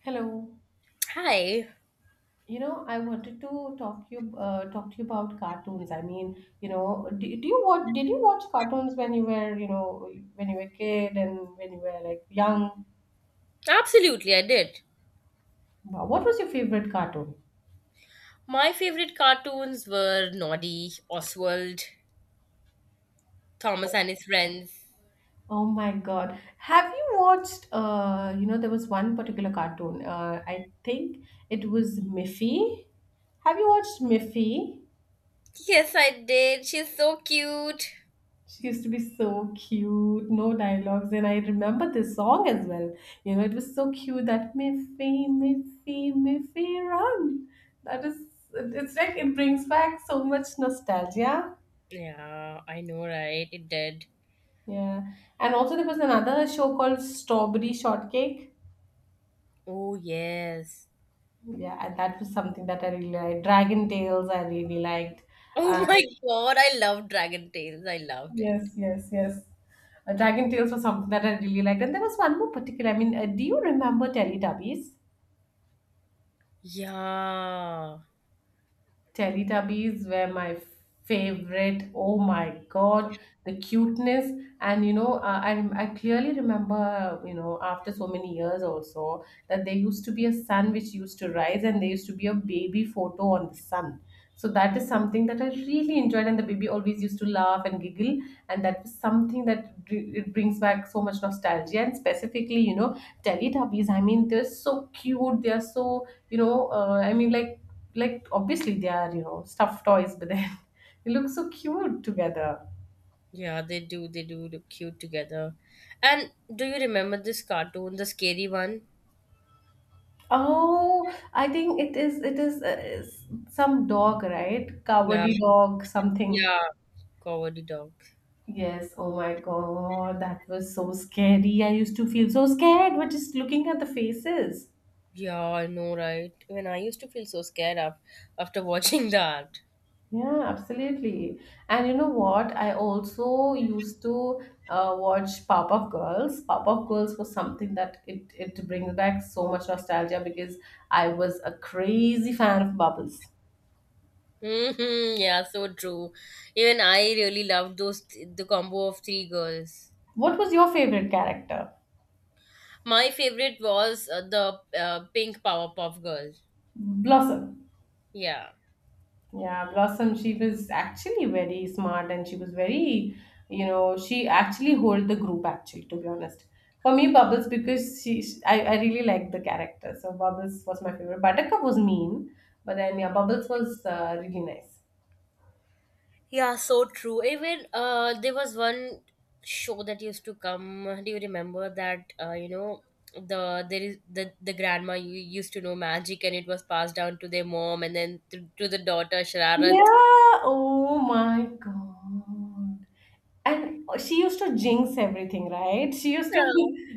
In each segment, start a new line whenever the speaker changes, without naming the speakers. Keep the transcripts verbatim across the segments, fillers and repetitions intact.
Hello.
Hi.
You know, I wanted to talk you uh, talk to you about cartoons. I mean, you know, do, do you watch did you watch cartoons when you were, you know, when you were a kid and when you were like young?
Absolutely, I did.
Wow, what was your favorite cartoon?
My favorite cartoons were Noddy, Oswald, Thomas and his friends.
Oh my God. Have you watched uh, you know, there was one particular cartoon. Uh, I think it was Miffy. Have you watched Miffy?
Yes, I did. She's so cute.
She used to be so cute, no dialogues, and I remember this song as well. You know, it was so cute that Miffy, Miffy, Miffy, run. That is, it's like it brings back so much nostalgia.
Yeah, I know, right? It did.
Yeah, and also there was another show called Strawberry Shortcake.
Oh, yes.
Yeah, and that was something that I really liked. Dragon Tales, I really liked.
Oh
Uh,
my god, I love Dragon Tales. I loved it.
yes, yes, yes. Uh, Dragon Tales was something that I really liked, and there was one more particular. I mean, uh, do you remember Teletubbies?
Yeah.
Teletubbies were my favorite. Oh my
God.
God, the cuteness. And you know, uh, I, I clearly remember, you know, after so many years also, that there used to be a sun which used to rise and there used to be a baby photo on the sun. So that is something that I really enjoyed, and the baby always used to laugh and giggle, and that was something that br- it brings back so much nostalgia. And specifically, you know, Teletubbies. I mean, they're so cute. They are so, you know, uh, I mean, like like obviously they are you know stuffed toys, but then they look so cute together.
Yeah, they do. They do look cute together. And do you remember this cartoon, the scary one?
Oh, I think it is it is, uh, is some dog, right?
Yeah.
Cowardly dog, something.
Yeah. Cowardly dog.
Yes. Oh my God, that was so scary. I used to feel so scared, but just looking at the faces.
Yeah, I know, right? When I used to feel so scared af- after watching that.
Yeah, absolutely. And you know what? I also used to uh, watch Powerpuff Girls. Powerpuff Girls was something that it it brings back so much nostalgia because I was a crazy fan of Bubbles.
Hmm, yeah, so true. Even I really loved those, the combo of three girls.
What was your favorite character?
My favorite was uh, the uh, pink Powerpuff Girl.
Blossom.
Yeah.
Yeah, Blossom, she was actually very smart and she was very, you know, she actually hold the group actually, to be honest. For me, Bubbles, because she, she- I, I really liked the character. So Bubbles was my favorite. Buttercup was mean, but then yeah, Bubbles was uh, really nice.
Yeah, so true. Even uh, there was one show that used to come. Do you remember that? Uh, you know, the there is the the grandma you used to know magic, and it was passed down to their mom, and then to, to the daughter
Yeah,
Shararat.
oh my God. And uh, she used to jinx everything, right? She used to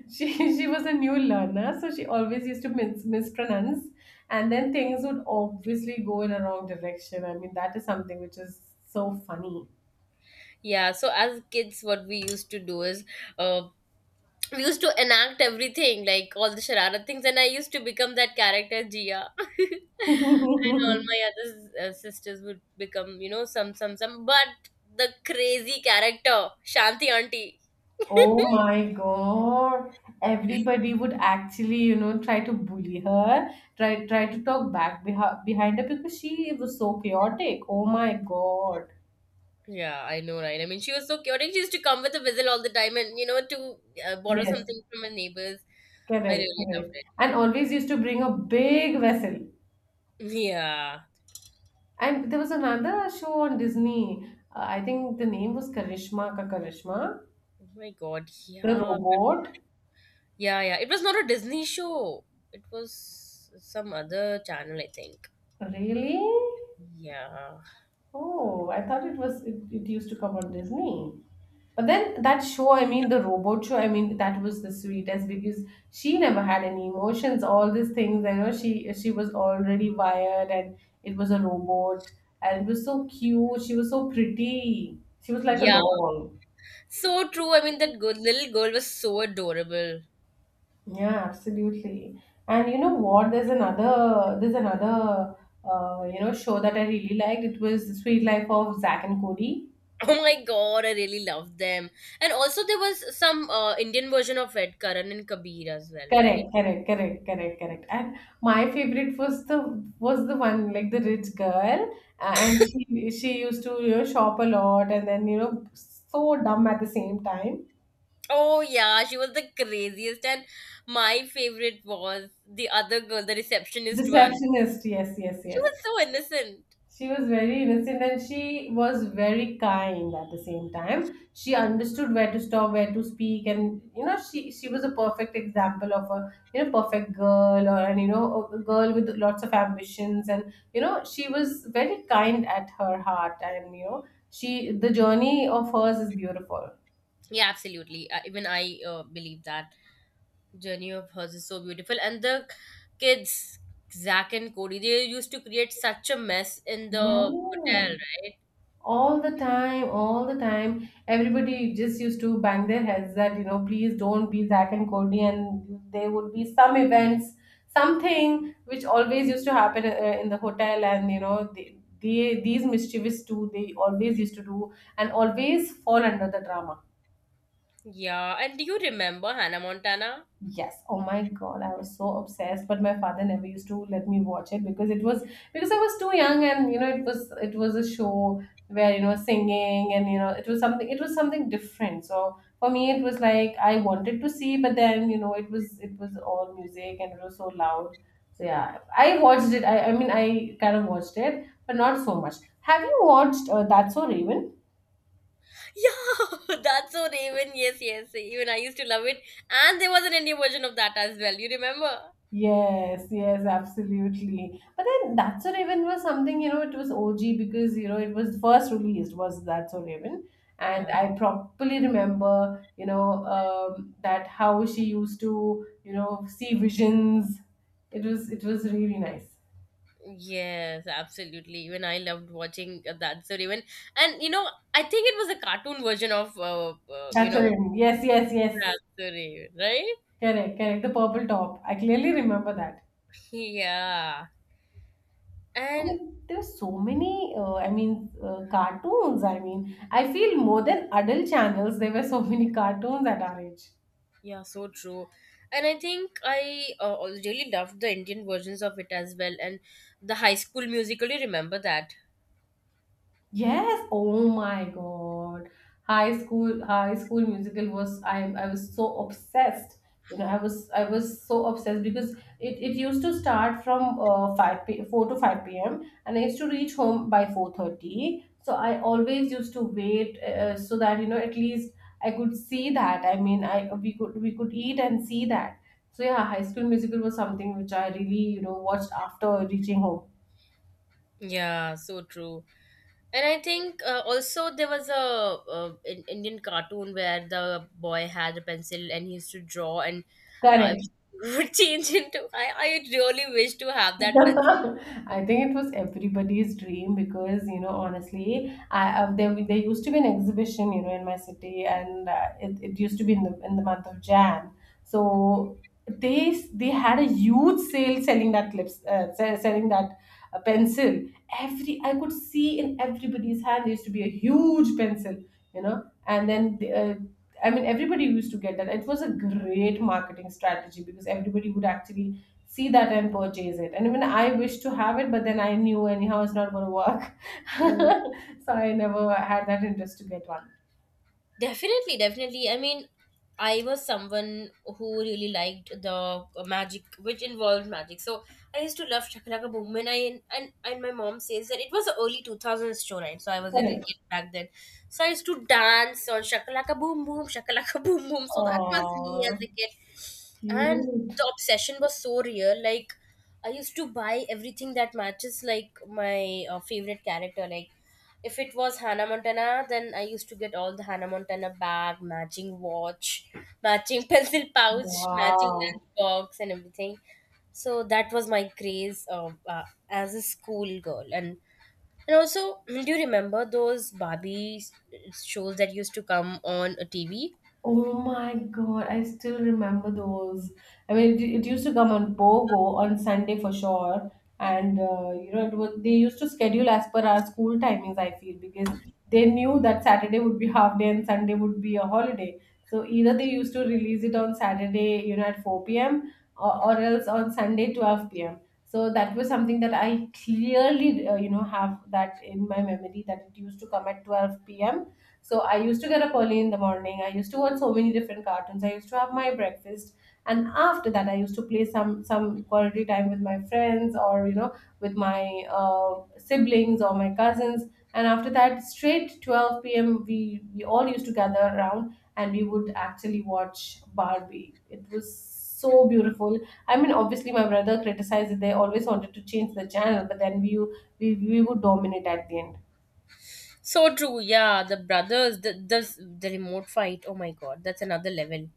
she she was a new learner, so she always used to mis- mispronounce, and then things would obviously go in a wrong direction. I mean, that is something which is so funny.
Yeah, so as kids, what we used to do is uh, we used to enact everything, like all the Sharara things, and I used to become that character, Jia. And all my other uh, sisters would become, you know, some, some, some, but the crazy character, Shanti auntie.
Oh my God. Everybody would actually, you know, try to bully her, try try to talk back behi behind her because she was so chaotic. Oh my God.
Yeah, I know, right? I mean, she was so chaotic. She used to come with a whistle all the time and, you know, to uh, borrow
Yes.
something from her neighbors. I
Correct,
really loved
correct.
it.
And always used to bring a big vessel.
Yeah.
And there was another show on Disney. Uh, I think the name was Karishma Ka Karishma.
Oh my God.
The
Yeah.
robot.
Yeah, yeah. It was not a Disney show. It was some other channel, I think.
Really?
Yeah.
Oh, I thought it was it, it used to come on Disney. But then that show, I mean the robot show, I mean that was the sweetest because she never had any emotions, all these things. I know she she was already wired and it was a robot, and it was so cute. She was so pretty. She was like a
Yeah.
doll.
So true. I mean, that good little girl was so adorable.
Yeah, absolutely. And you know what? There's another there's another uh, you know show that I really liked. It was the Sweet Life of Zack and Cody.
Oh my god, I really loved them. And also, there was some uh, Indian version of it, Karan and Kabir as well, right?
Correct, correct, correct, correct, correct. And my favorite was the was the one, like the rich girl, uh, and she she used to you know shop a lot, and then you know so dumb at the same time.
Oh yeah, she was the craziest. And my favorite was the other girl, the receptionist one.
Receptionist, yes, yes,
She was
yes.
so innocent.
She was very innocent and she was very kind at the same time. She understood where to stop, where to speak, and you know, she she was a perfect example of a you know perfect girl, or and you know a girl with lots of ambitions, and you know she was very kind at her heart, and you know she, the journey of hers is beautiful.
Yeah, absolutely. Uh, even I uh, believe that. Journey of hers is so beautiful, and the kids, Zach and Cody, they used to create such a mess in the
Yeah.
hotel, right?
All the time, all the time, everybody just used to bang their heads that you know please don't be Zach and Cody, and there would be some events, something which always used to happen uh, in the hotel, and you know they, they these mischievous two, they always used to do and always fall under the drama.
Yeah, and do you remember Hannah Montana?
Yes. Oh my God, I was so obsessed, but my father never used to let me watch it, because it was because I was too young, and you know it was it was a show where you know singing, and you know it was something it was something different. So for me it was like I wanted to see, but then you know it was it was all music and it was so loud. So yeah, I watched it. I, I mean I kind of watched it, but not so much. Have you watched uh, That's So Raven?
Yeah, that's so Raven. Yes yes even I used to love it. And there was an Indian version of that as well, you remember?
Yes, yes, absolutely. But then That's So Raven was something, you know, it was O G because, you know, it was first released was That's So Raven. And
Yeah,
I properly remember, you know, um, that how she used to, you know, see visions. It was it was really nice.
yes, absolutely. Even I loved watching uh, That's So Raven. And you know, I think it was a cartoon version of uh, uh, you
That's So
know
Raven. Yes, yes, yes.
That's So Raven, right?
Correct, correct. The purple top. I clearly remember that.
Yeah.
I
And
mean, there's so many. Uh, I mean, uh, cartoons. I mean, I feel more than adult channels, there were so many cartoons at our age.
yeah, so true. And I think I uh, al- really loved the Indian versions of it as well. And the High School Musical, you remember that?
Yes, oh my God. High school, high school musical was, I I was so obsessed. You know, I was I was so obsessed because it, it used to start from uh, 5 p four to five p m, and I used to reach home by four thirty. So I always used to wait uh, uh, so that you know at least I could see that. I mean, I we could we could eat and see that. So yeah, High School Musical was something which I really, you know, watched after reaching home.
Yeah, so true. And I think uh, also there was a, uh, in Indian cartoon where the boy had a pencil and he used to draw and uh,
Correct.
would change into. I, I really wish to have that
I think it was everybody's dream because you know honestly, I uh, there there used to be an exhibition you know in my city, and uh, it, it used to be in the in the month of Jan. So they s- they had a huge sale, selling that lips uh, se- selling that uh, pencil. Every I could see in everybody's hand there used to be a huge pencil, you know, and then. The, uh, I mean, everybody used to get that. It was a great marketing strategy because everybody would actually see that and purchase it. And even I wish to have it, but then I knew anyhow it's not going to work.
pencil.
So I never had that interest to get one.
Definitely, definitely. I mean, I was someone who really liked the magic, which involved magic. So I used to love Chakalaka Boom. And I and, and my mom says that it was an early two thousands showline, so I was a little
Correct.
kid back then. So I used to dance on Shakalaka Boom Boom, Shakalaka Boom Boom. So that was me as
Oh,
a kid, and
cute.
the obsession was so real. Like, I used to buy everything that matches like my uh, favorite character. Like, if it was Hannah Montana, then I used to get all the Hannah Montana bag, matching watch, matching pencil pouch, matching
Wow.
lunchbox, and everything. So that was my craze of, uh, as a school girl. And and also, do you remember those Barbie s- shows that used to come on a T V?
Oh my God, I still remember those. I mean, it, it used to come on Pogo on Sunday for sure, and uh, you know, it was they used to schedule as per our school timings, I feel, because they knew that Saturday would be half day and Sunday would be a holiday. So either they used to release it on Saturday, you know, at four p.m., or, or else on Sunday twelve p m. So that was something that I clearly, uh, you know, have that in my memory, that it used to come at twelve p m. So I used to get up early in the morning. I used to watch so many different cartoons. I used to have my breakfast, and after that, I used to play some some quality time with my friends, or you know with my uh, siblings or my cousins. And after that, straight twelve p m, we we all used to gather around and we would actually watch Barbie. It was so beautiful. I mean, obviously, my brother criticized, that they always wanted to change the channel, but then we we, we would dominate at the end.
So true, yeah. The brothers, the the, the remote fight. Oh my god, that's another level.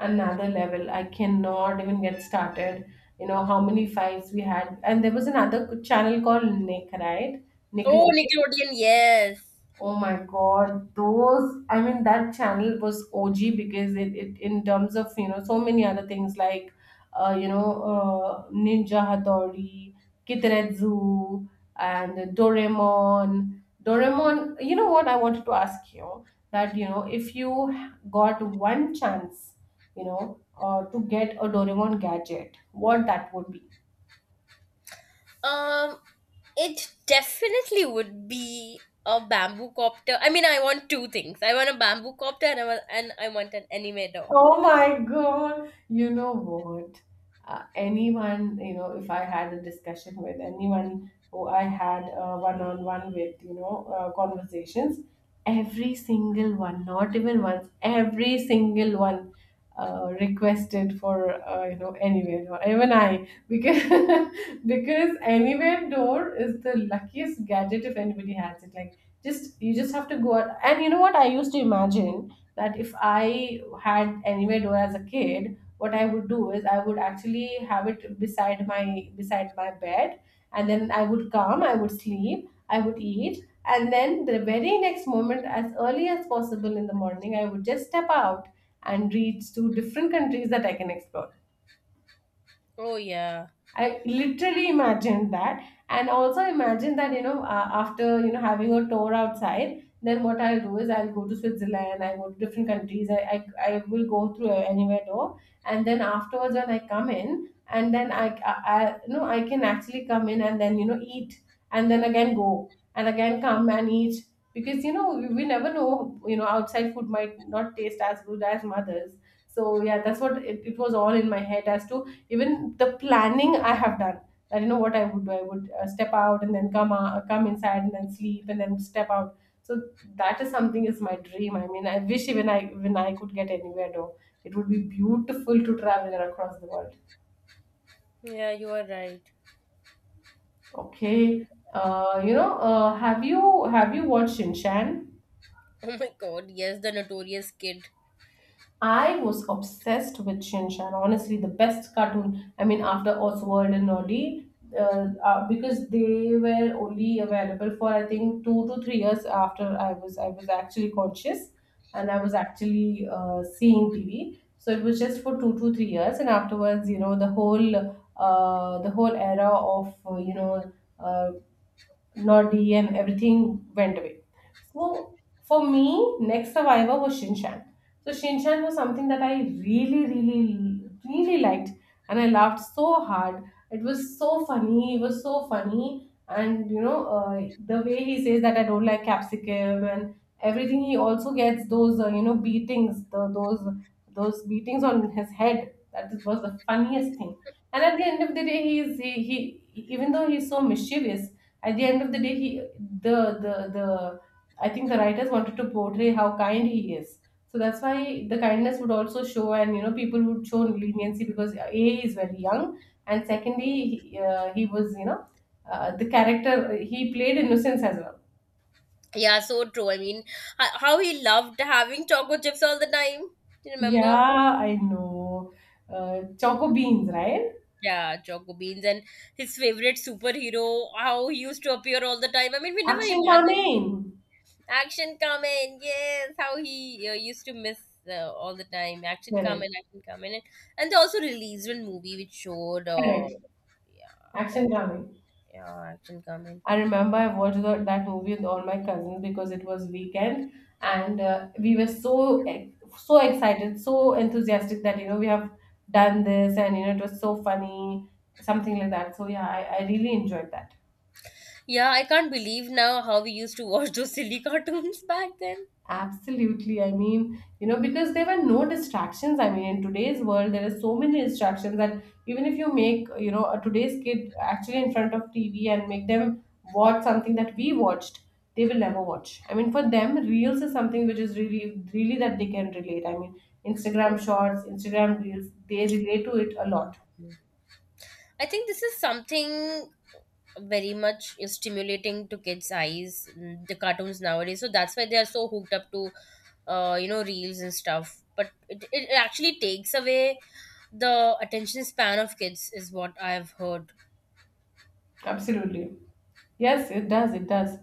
Another level. I cannot even get started. You know how many fights we had. And there was another channel called Nick, right?
Oh,
Nickelodeon.
Nickelodeon, yes.
Oh my God, those, I mean, that channel was O G because it, it in terms of, you know, so many other things like, uh, you know, uh, Ninja Hattori, Kitretsu, and Doraemon. Doraemon, you know what I wanted to ask you? That, you know, if you got one chance, you know, uh, to get a Doraemon gadget, what that would be?
Um, it definitely would be a bamboo copter. I mean, I want two things. I want a bamboo copter and I want, and I want an animator.
Oh my God. You know what? Uh, anyone, you know, if I had a discussion with anyone who I had uh, one-on-one with, you know, uh, conversations, every single one, not even once, every single one uh, requested for, uh, you know, anywhere, or even I, because because anywhere door is the luckiest gadget if anybody has it. Like, just you just have to go out, and you know what? I used to imagine that if I had anywhere door as a kid, what I would do is I would actually have it beside my beside my bed, and then I would come, I would sleep, I would eat, and then the very next moment, as early as possible in the morning, I would just step out and reach to different countries that I can explore.
Oh yeah,
I literally imagined that, and also imagined that you know uh, after you know having a tour outside, then what I'll do is I'll go to Switzerland, I go to different countries, I I, I will go through anywhere door, and then afterwards when I come in, and then I, I, I you know I can actually come in and then you know eat, and then again go and again come and eat because you know we, we never know you know outside food might not taste as good as mothers. So yeah, that's what it, it was all in my head as to even the planning I have done. I do know what I would do. I would uh, step out and then come uh, come inside and then sleep and then step out. So that is something, is my dream. I mean, I wish, even I, when I could get anywhere though, it would be beautiful to travel across the world.
yeah, you are right.
Okay, uh, you know uh, have you have you watched shinshan?
Oh my god, yes, the notorious kid.
I was obsessed with Shin Chan. Honestly, the best cartoon. I mean, after Oswald and Noddy, uh, uh, because they were only available for, I think, two to three years after I was I was actually conscious, and I was actually uh, seeing T V. So it was just for two to three years, and afterwards, you know, the whole uh, the whole era of uh, you know. Uh, Noddy, and everything went away. So for me, next survivor was Shinchan. So Shinchan was something that I really, really, really liked, and I laughed so hard. It was so funny. It was so funny, and you know uh, the way he says that I don't like capsicum and everything. He also gets those uh, you know beatings, the, those those beatings on his head. That was the funniest thing. And at the end of the day, he is he, he, even though he's so mischievous, at the end of the day, he the the the I think the writers wanted to portray how kind he is. So that's why the kindness would also show, and you know, people would show leniency because a he is very young, and secondly, he, uh, he was, you know uh, the character he played innocence as well.
Yeah, so true. I mean, h- how he loved having choco chips all the time. Do you remember?
Yeah, I know. Uh, Choco Beans, right?
Yeah, choco beans and his favorite superhero. How he used to appear all the time. I mean, we never
Action
imagined.
Kamin.
Action comment, yes, how he uh, used to miss uh, all the time. Action
Correct.
comment, action comment, and, and they also released one movie which showed, uh,
Correct.
yeah, that
Action Kamin.
yeah, action comment.
I remember I watched the, that movie with all my cousins because it was weekend, and uh, we were so ex- so excited, so enthusiastic that you know we have done this, and you know it was so funny, something like that. So yeah, I, I really enjoyed that.
Yeah, I can't believe now how we used to watch those silly cartoons back then.
Absolutely. I mean, you know, because there were no distractions. I mean, in today's world, there are so many distractions that even if you make, you know, a today's kid actually in front of T V and make them watch something that we watched, they will never watch. I mean, for them, Reels is something which is really, really that they can relate. I mean, Instagram Shorts, Instagram Reels, they relate to it a lot.
I think this is something very much stimulating to kids' eyes, mm, the cartoons nowadays. So that's why they are so hooked up to, uh, you know, reels and stuff. But it, it actually takes away the attention span of kids is what I've heard.
Absolutely. Yes, it does. It does.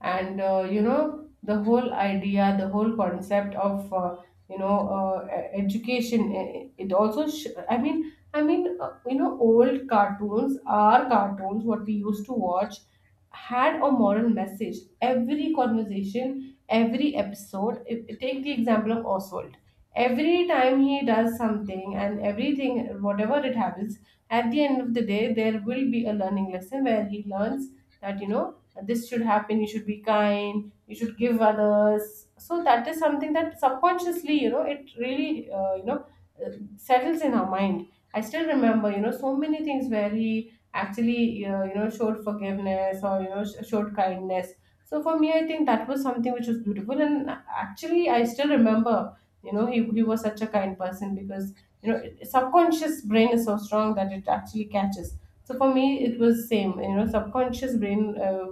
And uh, you know, the whole idea, the whole concept of uh, you know uh, e- education. eh, It also, sh- I mean, I mean, uh, you know, old cartoons, our cartoons, what we used to watch, had a moral message. Every conversation, every episode. If, Take the example of Oswald. Every time he does something and everything, whatever it happens, at the end of the day there will be a learning lesson where he learns that, you know this should happen, you should be kind, you should give others. So that is something that subconsciously, you know it really uh, you know uh, settles in our mind. I still remember, you know so many things where he actually uh, you know showed forgiveness, or you know sh- showed kindness. So for me I think that was something which was beautiful, and actually I still remember, you know he, he was such a kind person, because you know subconscious brain is so strong that it actually catches. So for me it was same, you know subconscious brain. uh,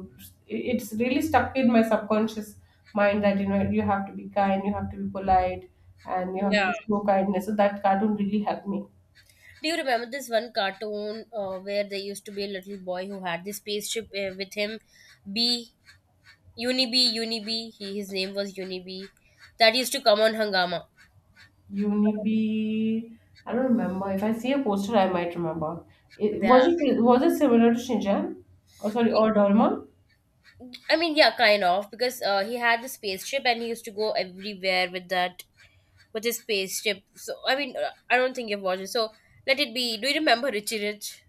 it- It's really stuck in my subconscious mind that, you know you have to be kind, you have to be polite, and you have
Yeah.
to show kindness. So that cartoon really helped me.
Do you remember this one cartoon uh, where there used to be a little boy who had this spaceship uh, with him? B, Unibee, Unibee. He, his name was Unibee. That used to come on Hangama.
Unibi, I don't remember. If I see a poster, I might remember. it,
Yeah.
was it was it similar to shinjan, or sorry, or Dorma?
I mean, yeah, kind of, because uh, he had the spaceship and he used to go everywhere with that, with his spaceship. So, I mean, uh, I don't think you've watched it. So, let it be. Do you remember Richie Rich?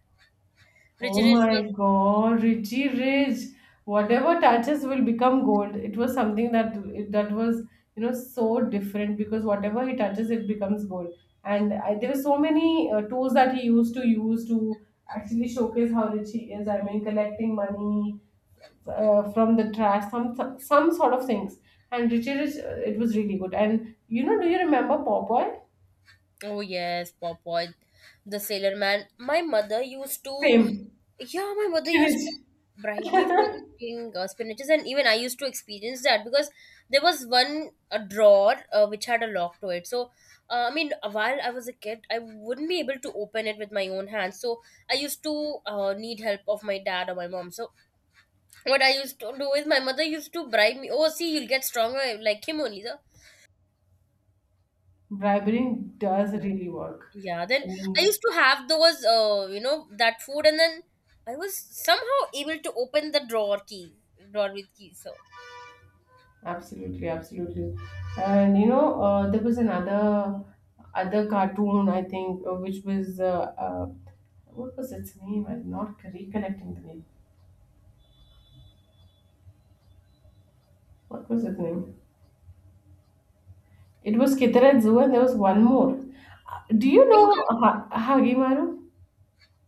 Richie
Oh
Rich was.
my God, Richie Rich. Whatever touches will become gold. It was something that that was, you know, so different because whatever he touches, it becomes gold. And I, there were so many uh, tools that he used to use to actually showcase how rich he is. I mean, collecting money uh, from the trash, some some some sort of things. And Richie Rich, uh, it was really good. And you know, do you remember Popeye?
Oh yes, Pop Popeye the Sailor Man. My mother used to,
Same.
yeah, my mother used
Finish.
to bribe me for eating uh, spinaches, and even I used to experience that because there was one a drawer uh, which had a lock to it. So, uh, I mean, while I was a kid, I wouldn't be able to open it with my own hands. So, I used to uh, need help of my dad or my mom. So, what I used to do is my mother used to bribe me. Oh, see, you'll get stronger like him only,
Bribery
sir.
does really work.
Yeah,
I
then I
mean,
used to have those, uh, you know, that food, and then I was somehow able to open the drawer key, drawer with key. So,
absolutely, absolutely. And you know, uh, there was another other cartoon, I think, uh, which was uh, uh, what was its name? I'm not recollecting the name. What was its name? It was Kitara Zoo, and there was one more. Uh, Do you know
Ninja,
ha- Hagimaru?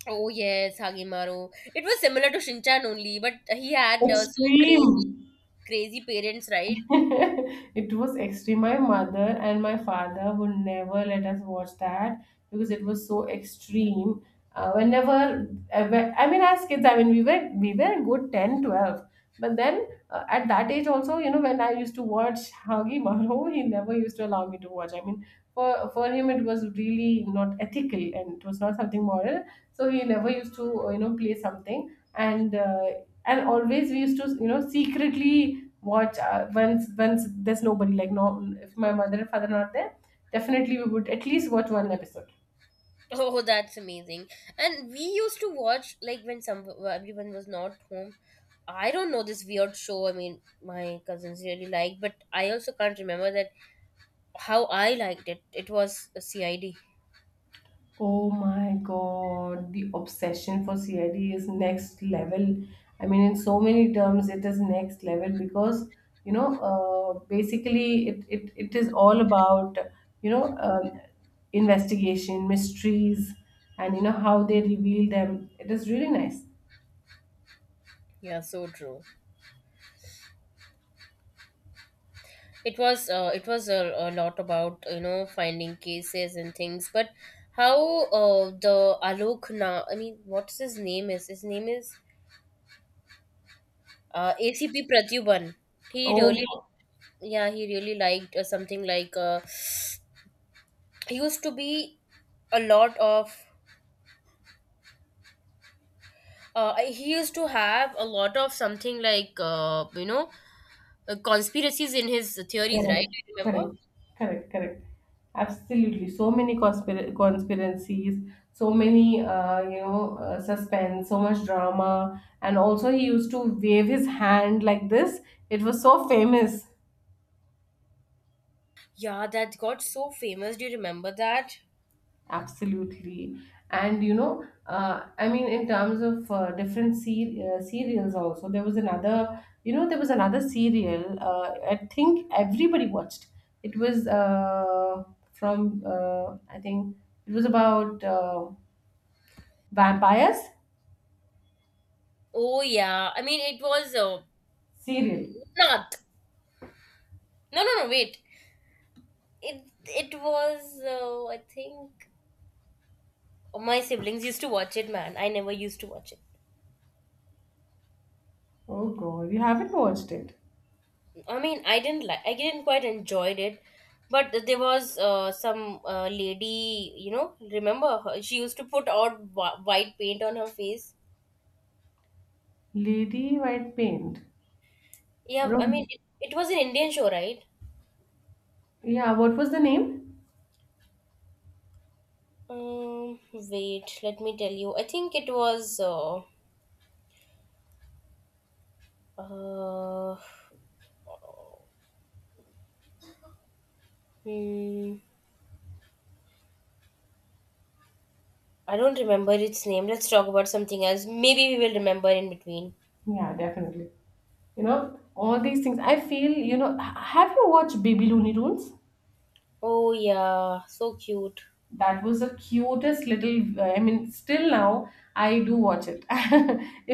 oh yes, Hagimaru. It was similar to Shinchan only, but he had uh, so crazy,
Extreme.
crazy parents, right?
It was extreme. My mother and my father would never let us watch that because it was so extreme. Uh, whenever, ever- I mean, as kids, I mean, we were we were a good ten, twelve. But then uh, at that age also, you know, when I used to watch Hagi Maro, he never used to allow me to watch. I mean, for, for him, it was really not ethical and it was not something moral. So he never used to, uh, you know, play something, and uh, and always we used to, you know secretly watch, uh, once once there's nobody. Like, no, if my mother and father are not there, definitely we would at least watch one episode.
Oh, that's amazing. And we used to watch like when some everyone was not home. I don't know this weird show. I mean, my cousins really liked, but I also can't remember that how I liked it. It was a C I D.
Oh my god, the obsession for C I D is next level. I mean, in so many terms it is next level because, you know uh, basically it, it it is all about, you know um, investigation mysteries, and you know how they reveal them, it is really nice.
Yeah, so true. It was uh, it was a, a lot about, you know, finding cases and things. But how uh, the alok na, I mean, what's his name, is his name is uh, A C P Pratyuban. He
Oh,
really, yeah, he really liked uh, something like, uh, he used to be a lot of, uh, he used to have a lot of something like, uh, you know, uh, conspiracies in his theories,
correct,
right? Do you remember?
correct, correct, correct. Absolutely. So many conspira- conspiracies, so many, uh, you know, uh, suspense, so much drama. And also, he used to wave his hand like this. It was so famous.
Yeah, that got so famous. Do you remember that?
Absolutely. And you know, uh, I mean, in terms of uh, different se- uh, serials, also there was another. You know, there was another serial. Uh, I think everybody watched. It was uh, from. Uh, I think it was about uh, vampires
Oh yeah, I mean it was uh,
serial.
not. No, no, no. Wait. It it was. Uh, I think, oh, my siblings used to watch it. Man, I never used to watch it.
Oh God, you haven't watched it.
I mean, I didn't like. I didn't quite enjoyed it. But there was uh, some uh, lady. You know, remember her? She used to put out wh- white paint on her face.
Lady White Paint. I
Yeah, I mean,
don't.
it, it was an Indian show, right?
Yeah, what was the name?
Um, wait. Let me tell you. I think it was. Uh, uh, hmm. I don't remember its name. Let's talk about something else. Maybe we will remember in between.
Yeah, definitely. You know, all these things I feel. You know h- have you watched Baby Looney Tunes?
Oh yeah, so cute.
That was the cutest little, uh, I mean, still now I do watch it.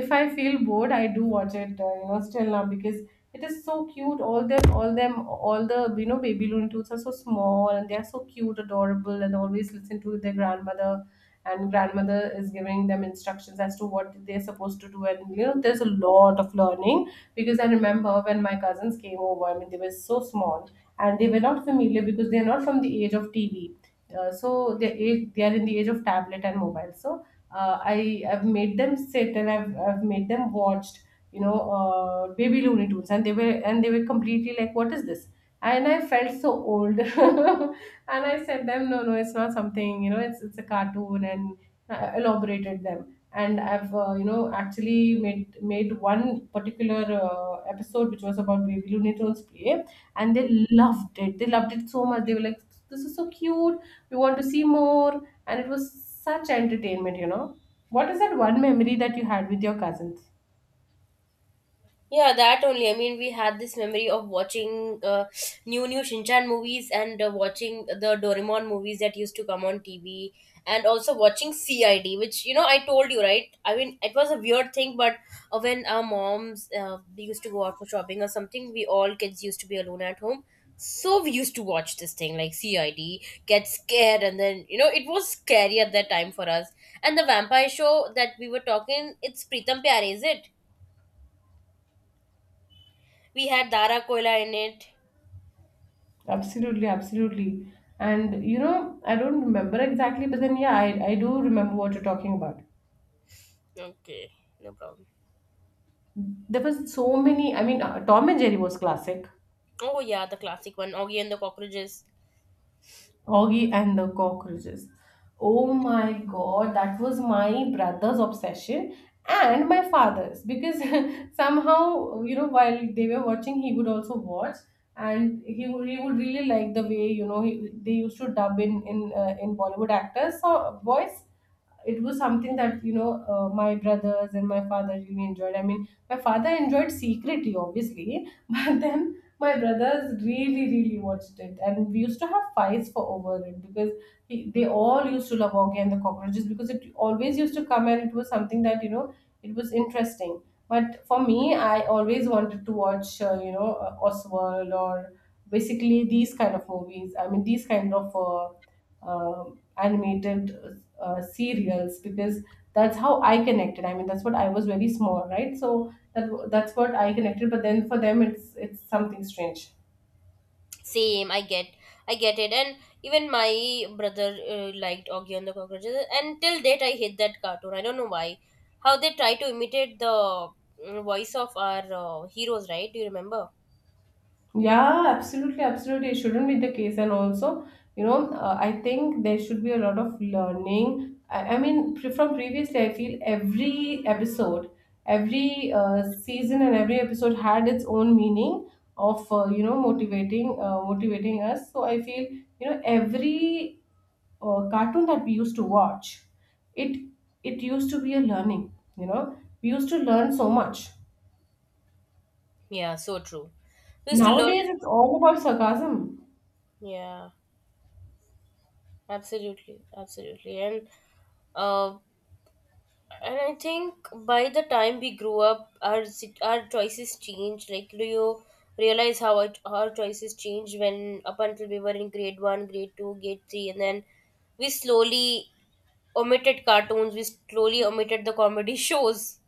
If I feel bored, I do watch it, uh, you know, still now, because it is so cute. All them all them all the you know Baby Looney Tunes are so small, and they are so cute, adorable, and always listen to their grandmother. And grandmother is giving them instructions as to what they're supposed to do, and you know there's a lot of learning. Because I remember, when my cousins came over, I mean, they were so small, and they were not familiar because they're not from the age of T V. Uh, so they age they are in the age of tablet and mobile. So uh, I have made them sit, and i've i've made them watched, you know uh, Baby Looney Tunes, and they were and they were completely like, what is this? And I felt so old. And I said them, no, no, it's not something, you know, it's it's a cartoon. And I elaborated them. And I've, uh, you know, actually made made one particular uh, episode which was about Baby Looney Tunes play, and they loved it, they loved it so much, they were like, this is so cute, we want to see more. And it was such entertainment, you know. What is that one memory that you had with your cousins?
Yeah, that only. I mean, we had this memory of watching uh, new new Shinchan movies and uh, watching the Doraemon movies that used to come on T V, and also watching C I D, which, you know, I told you, right. I mean, it was a weird thing, but uh, when our moms uh, they used to go out for shopping or something, we all kids used to be alone at home, so we used to watch this thing like C I D, get scared, and then you know it was scary at that time for us. And the vampire show that we were talking, it's Pritam Pyar, is it? We had Dara Koila in it.
Absolutely, absolutely. And you know, I don't remember exactly, but then yeah, i, I do remember what you're talking about.
Okay, no problem.
There was so many. I mean, uh, Tom and Jerry was classic.
Oh yeah, the classic one, Augie and the Cockroaches.
Oggy and the Cockroaches. Oh my god, that was my brother's obsession and my father's, because somehow, you know, while they were watching, he would also watch, and he would, he would really like the way, you know, he, they used to dub in in, uh, in Bollywood actors' so voice. It was something that, you know uh, my brothers and my father really enjoyed. I mean, my father enjoyed secretly, obviously. But then my brothers really, really watched it, and we used to have fights for over it because he, they all used to love Augie and the cockroaches, because it always used to come, and it was something that, you know, it was interesting. But for me, I always wanted to watch, uh, you know uh, Oswald, or basically these kind of movies. I mean, these kind of uh, um animated uh, serials, because that's how I connected. I mean, that's what, I was very small, right? So that that's what I connected. But then for them, it's it's something strange.
Same, I get, I get it. And even my brother uh, liked Augie and the Cockroaches. And till date, I hate that cartoon. I don't know why. How they try to imitate the mm, voice of our uh, heroes, right? Do you remember?
Yeah, absolutely, absolutely. It shouldn't be the case. And also, you know, uh, I think there should be a lot of learning. I, I mean, pre- from previously, I feel every episode, every uh, season, and every episode had its own meaning of, uh, you know motivating, uh, motivating us. So I feel, you know, every uh, cartoon that we used to watch, it it used to be a learning. You know, we used to learn so much.
Yeah, so true. We used to learn. It.
Nowadays, it's all about sarcasm.
Yeah, absolutely, absolutely. And uh, and I think by the time we grew up, our sit- our choices changed. Like, do you realize how our, our choices changed when up until we were in grade one, grade two, grade three, and then we slowly omitted cartoons. We slowly omitted the comedy shows.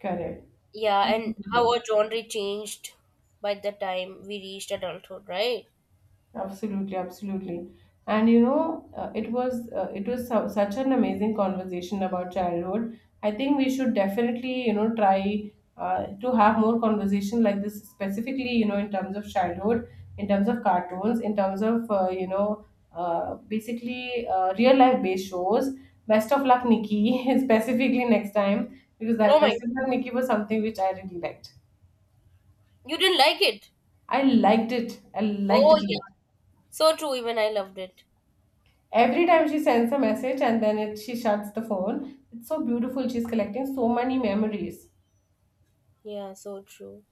Correct.
Yeah, and how
Absolutely.
our genre changed by the time we reached adulthood, right?
Absolutely. Absolutely. And you know, uh, it was uh, it was su- such an amazing conversation about childhood. I think we should definitely, you know, try uh, to have more conversation like this, specifically, you know, in terms of childhood, in terms of cartoons, in terms of, uh, you know uh, basically, uh, real life based shows. Best of luck, Nikki. Specifically next time, because
Oh
that Best
my,
of luck, Nikki was something which I really liked.
you didn't like it.
I liked it. I liked
Oh
it a lot.
yeah, so true. Even I loved it.
Every time she sends a message and then it, she shuts the phone. It's so beautiful. She's collecting so many memories.
Yeah, so true.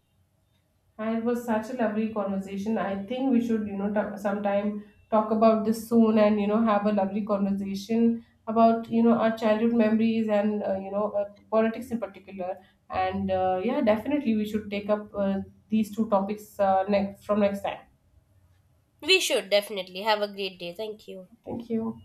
And it was such a lovely conversation. I think we should, you know, ta sometime talk about this soon, and, you know, have a lovely conversation about, you know, our childhood memories, and, uh, you know, uh, politics in particular. And uh, yeah, definitely we should take up, uh, these two topics, uh, next from next time.
We should definitely have a great day. Thank you.
Thank you.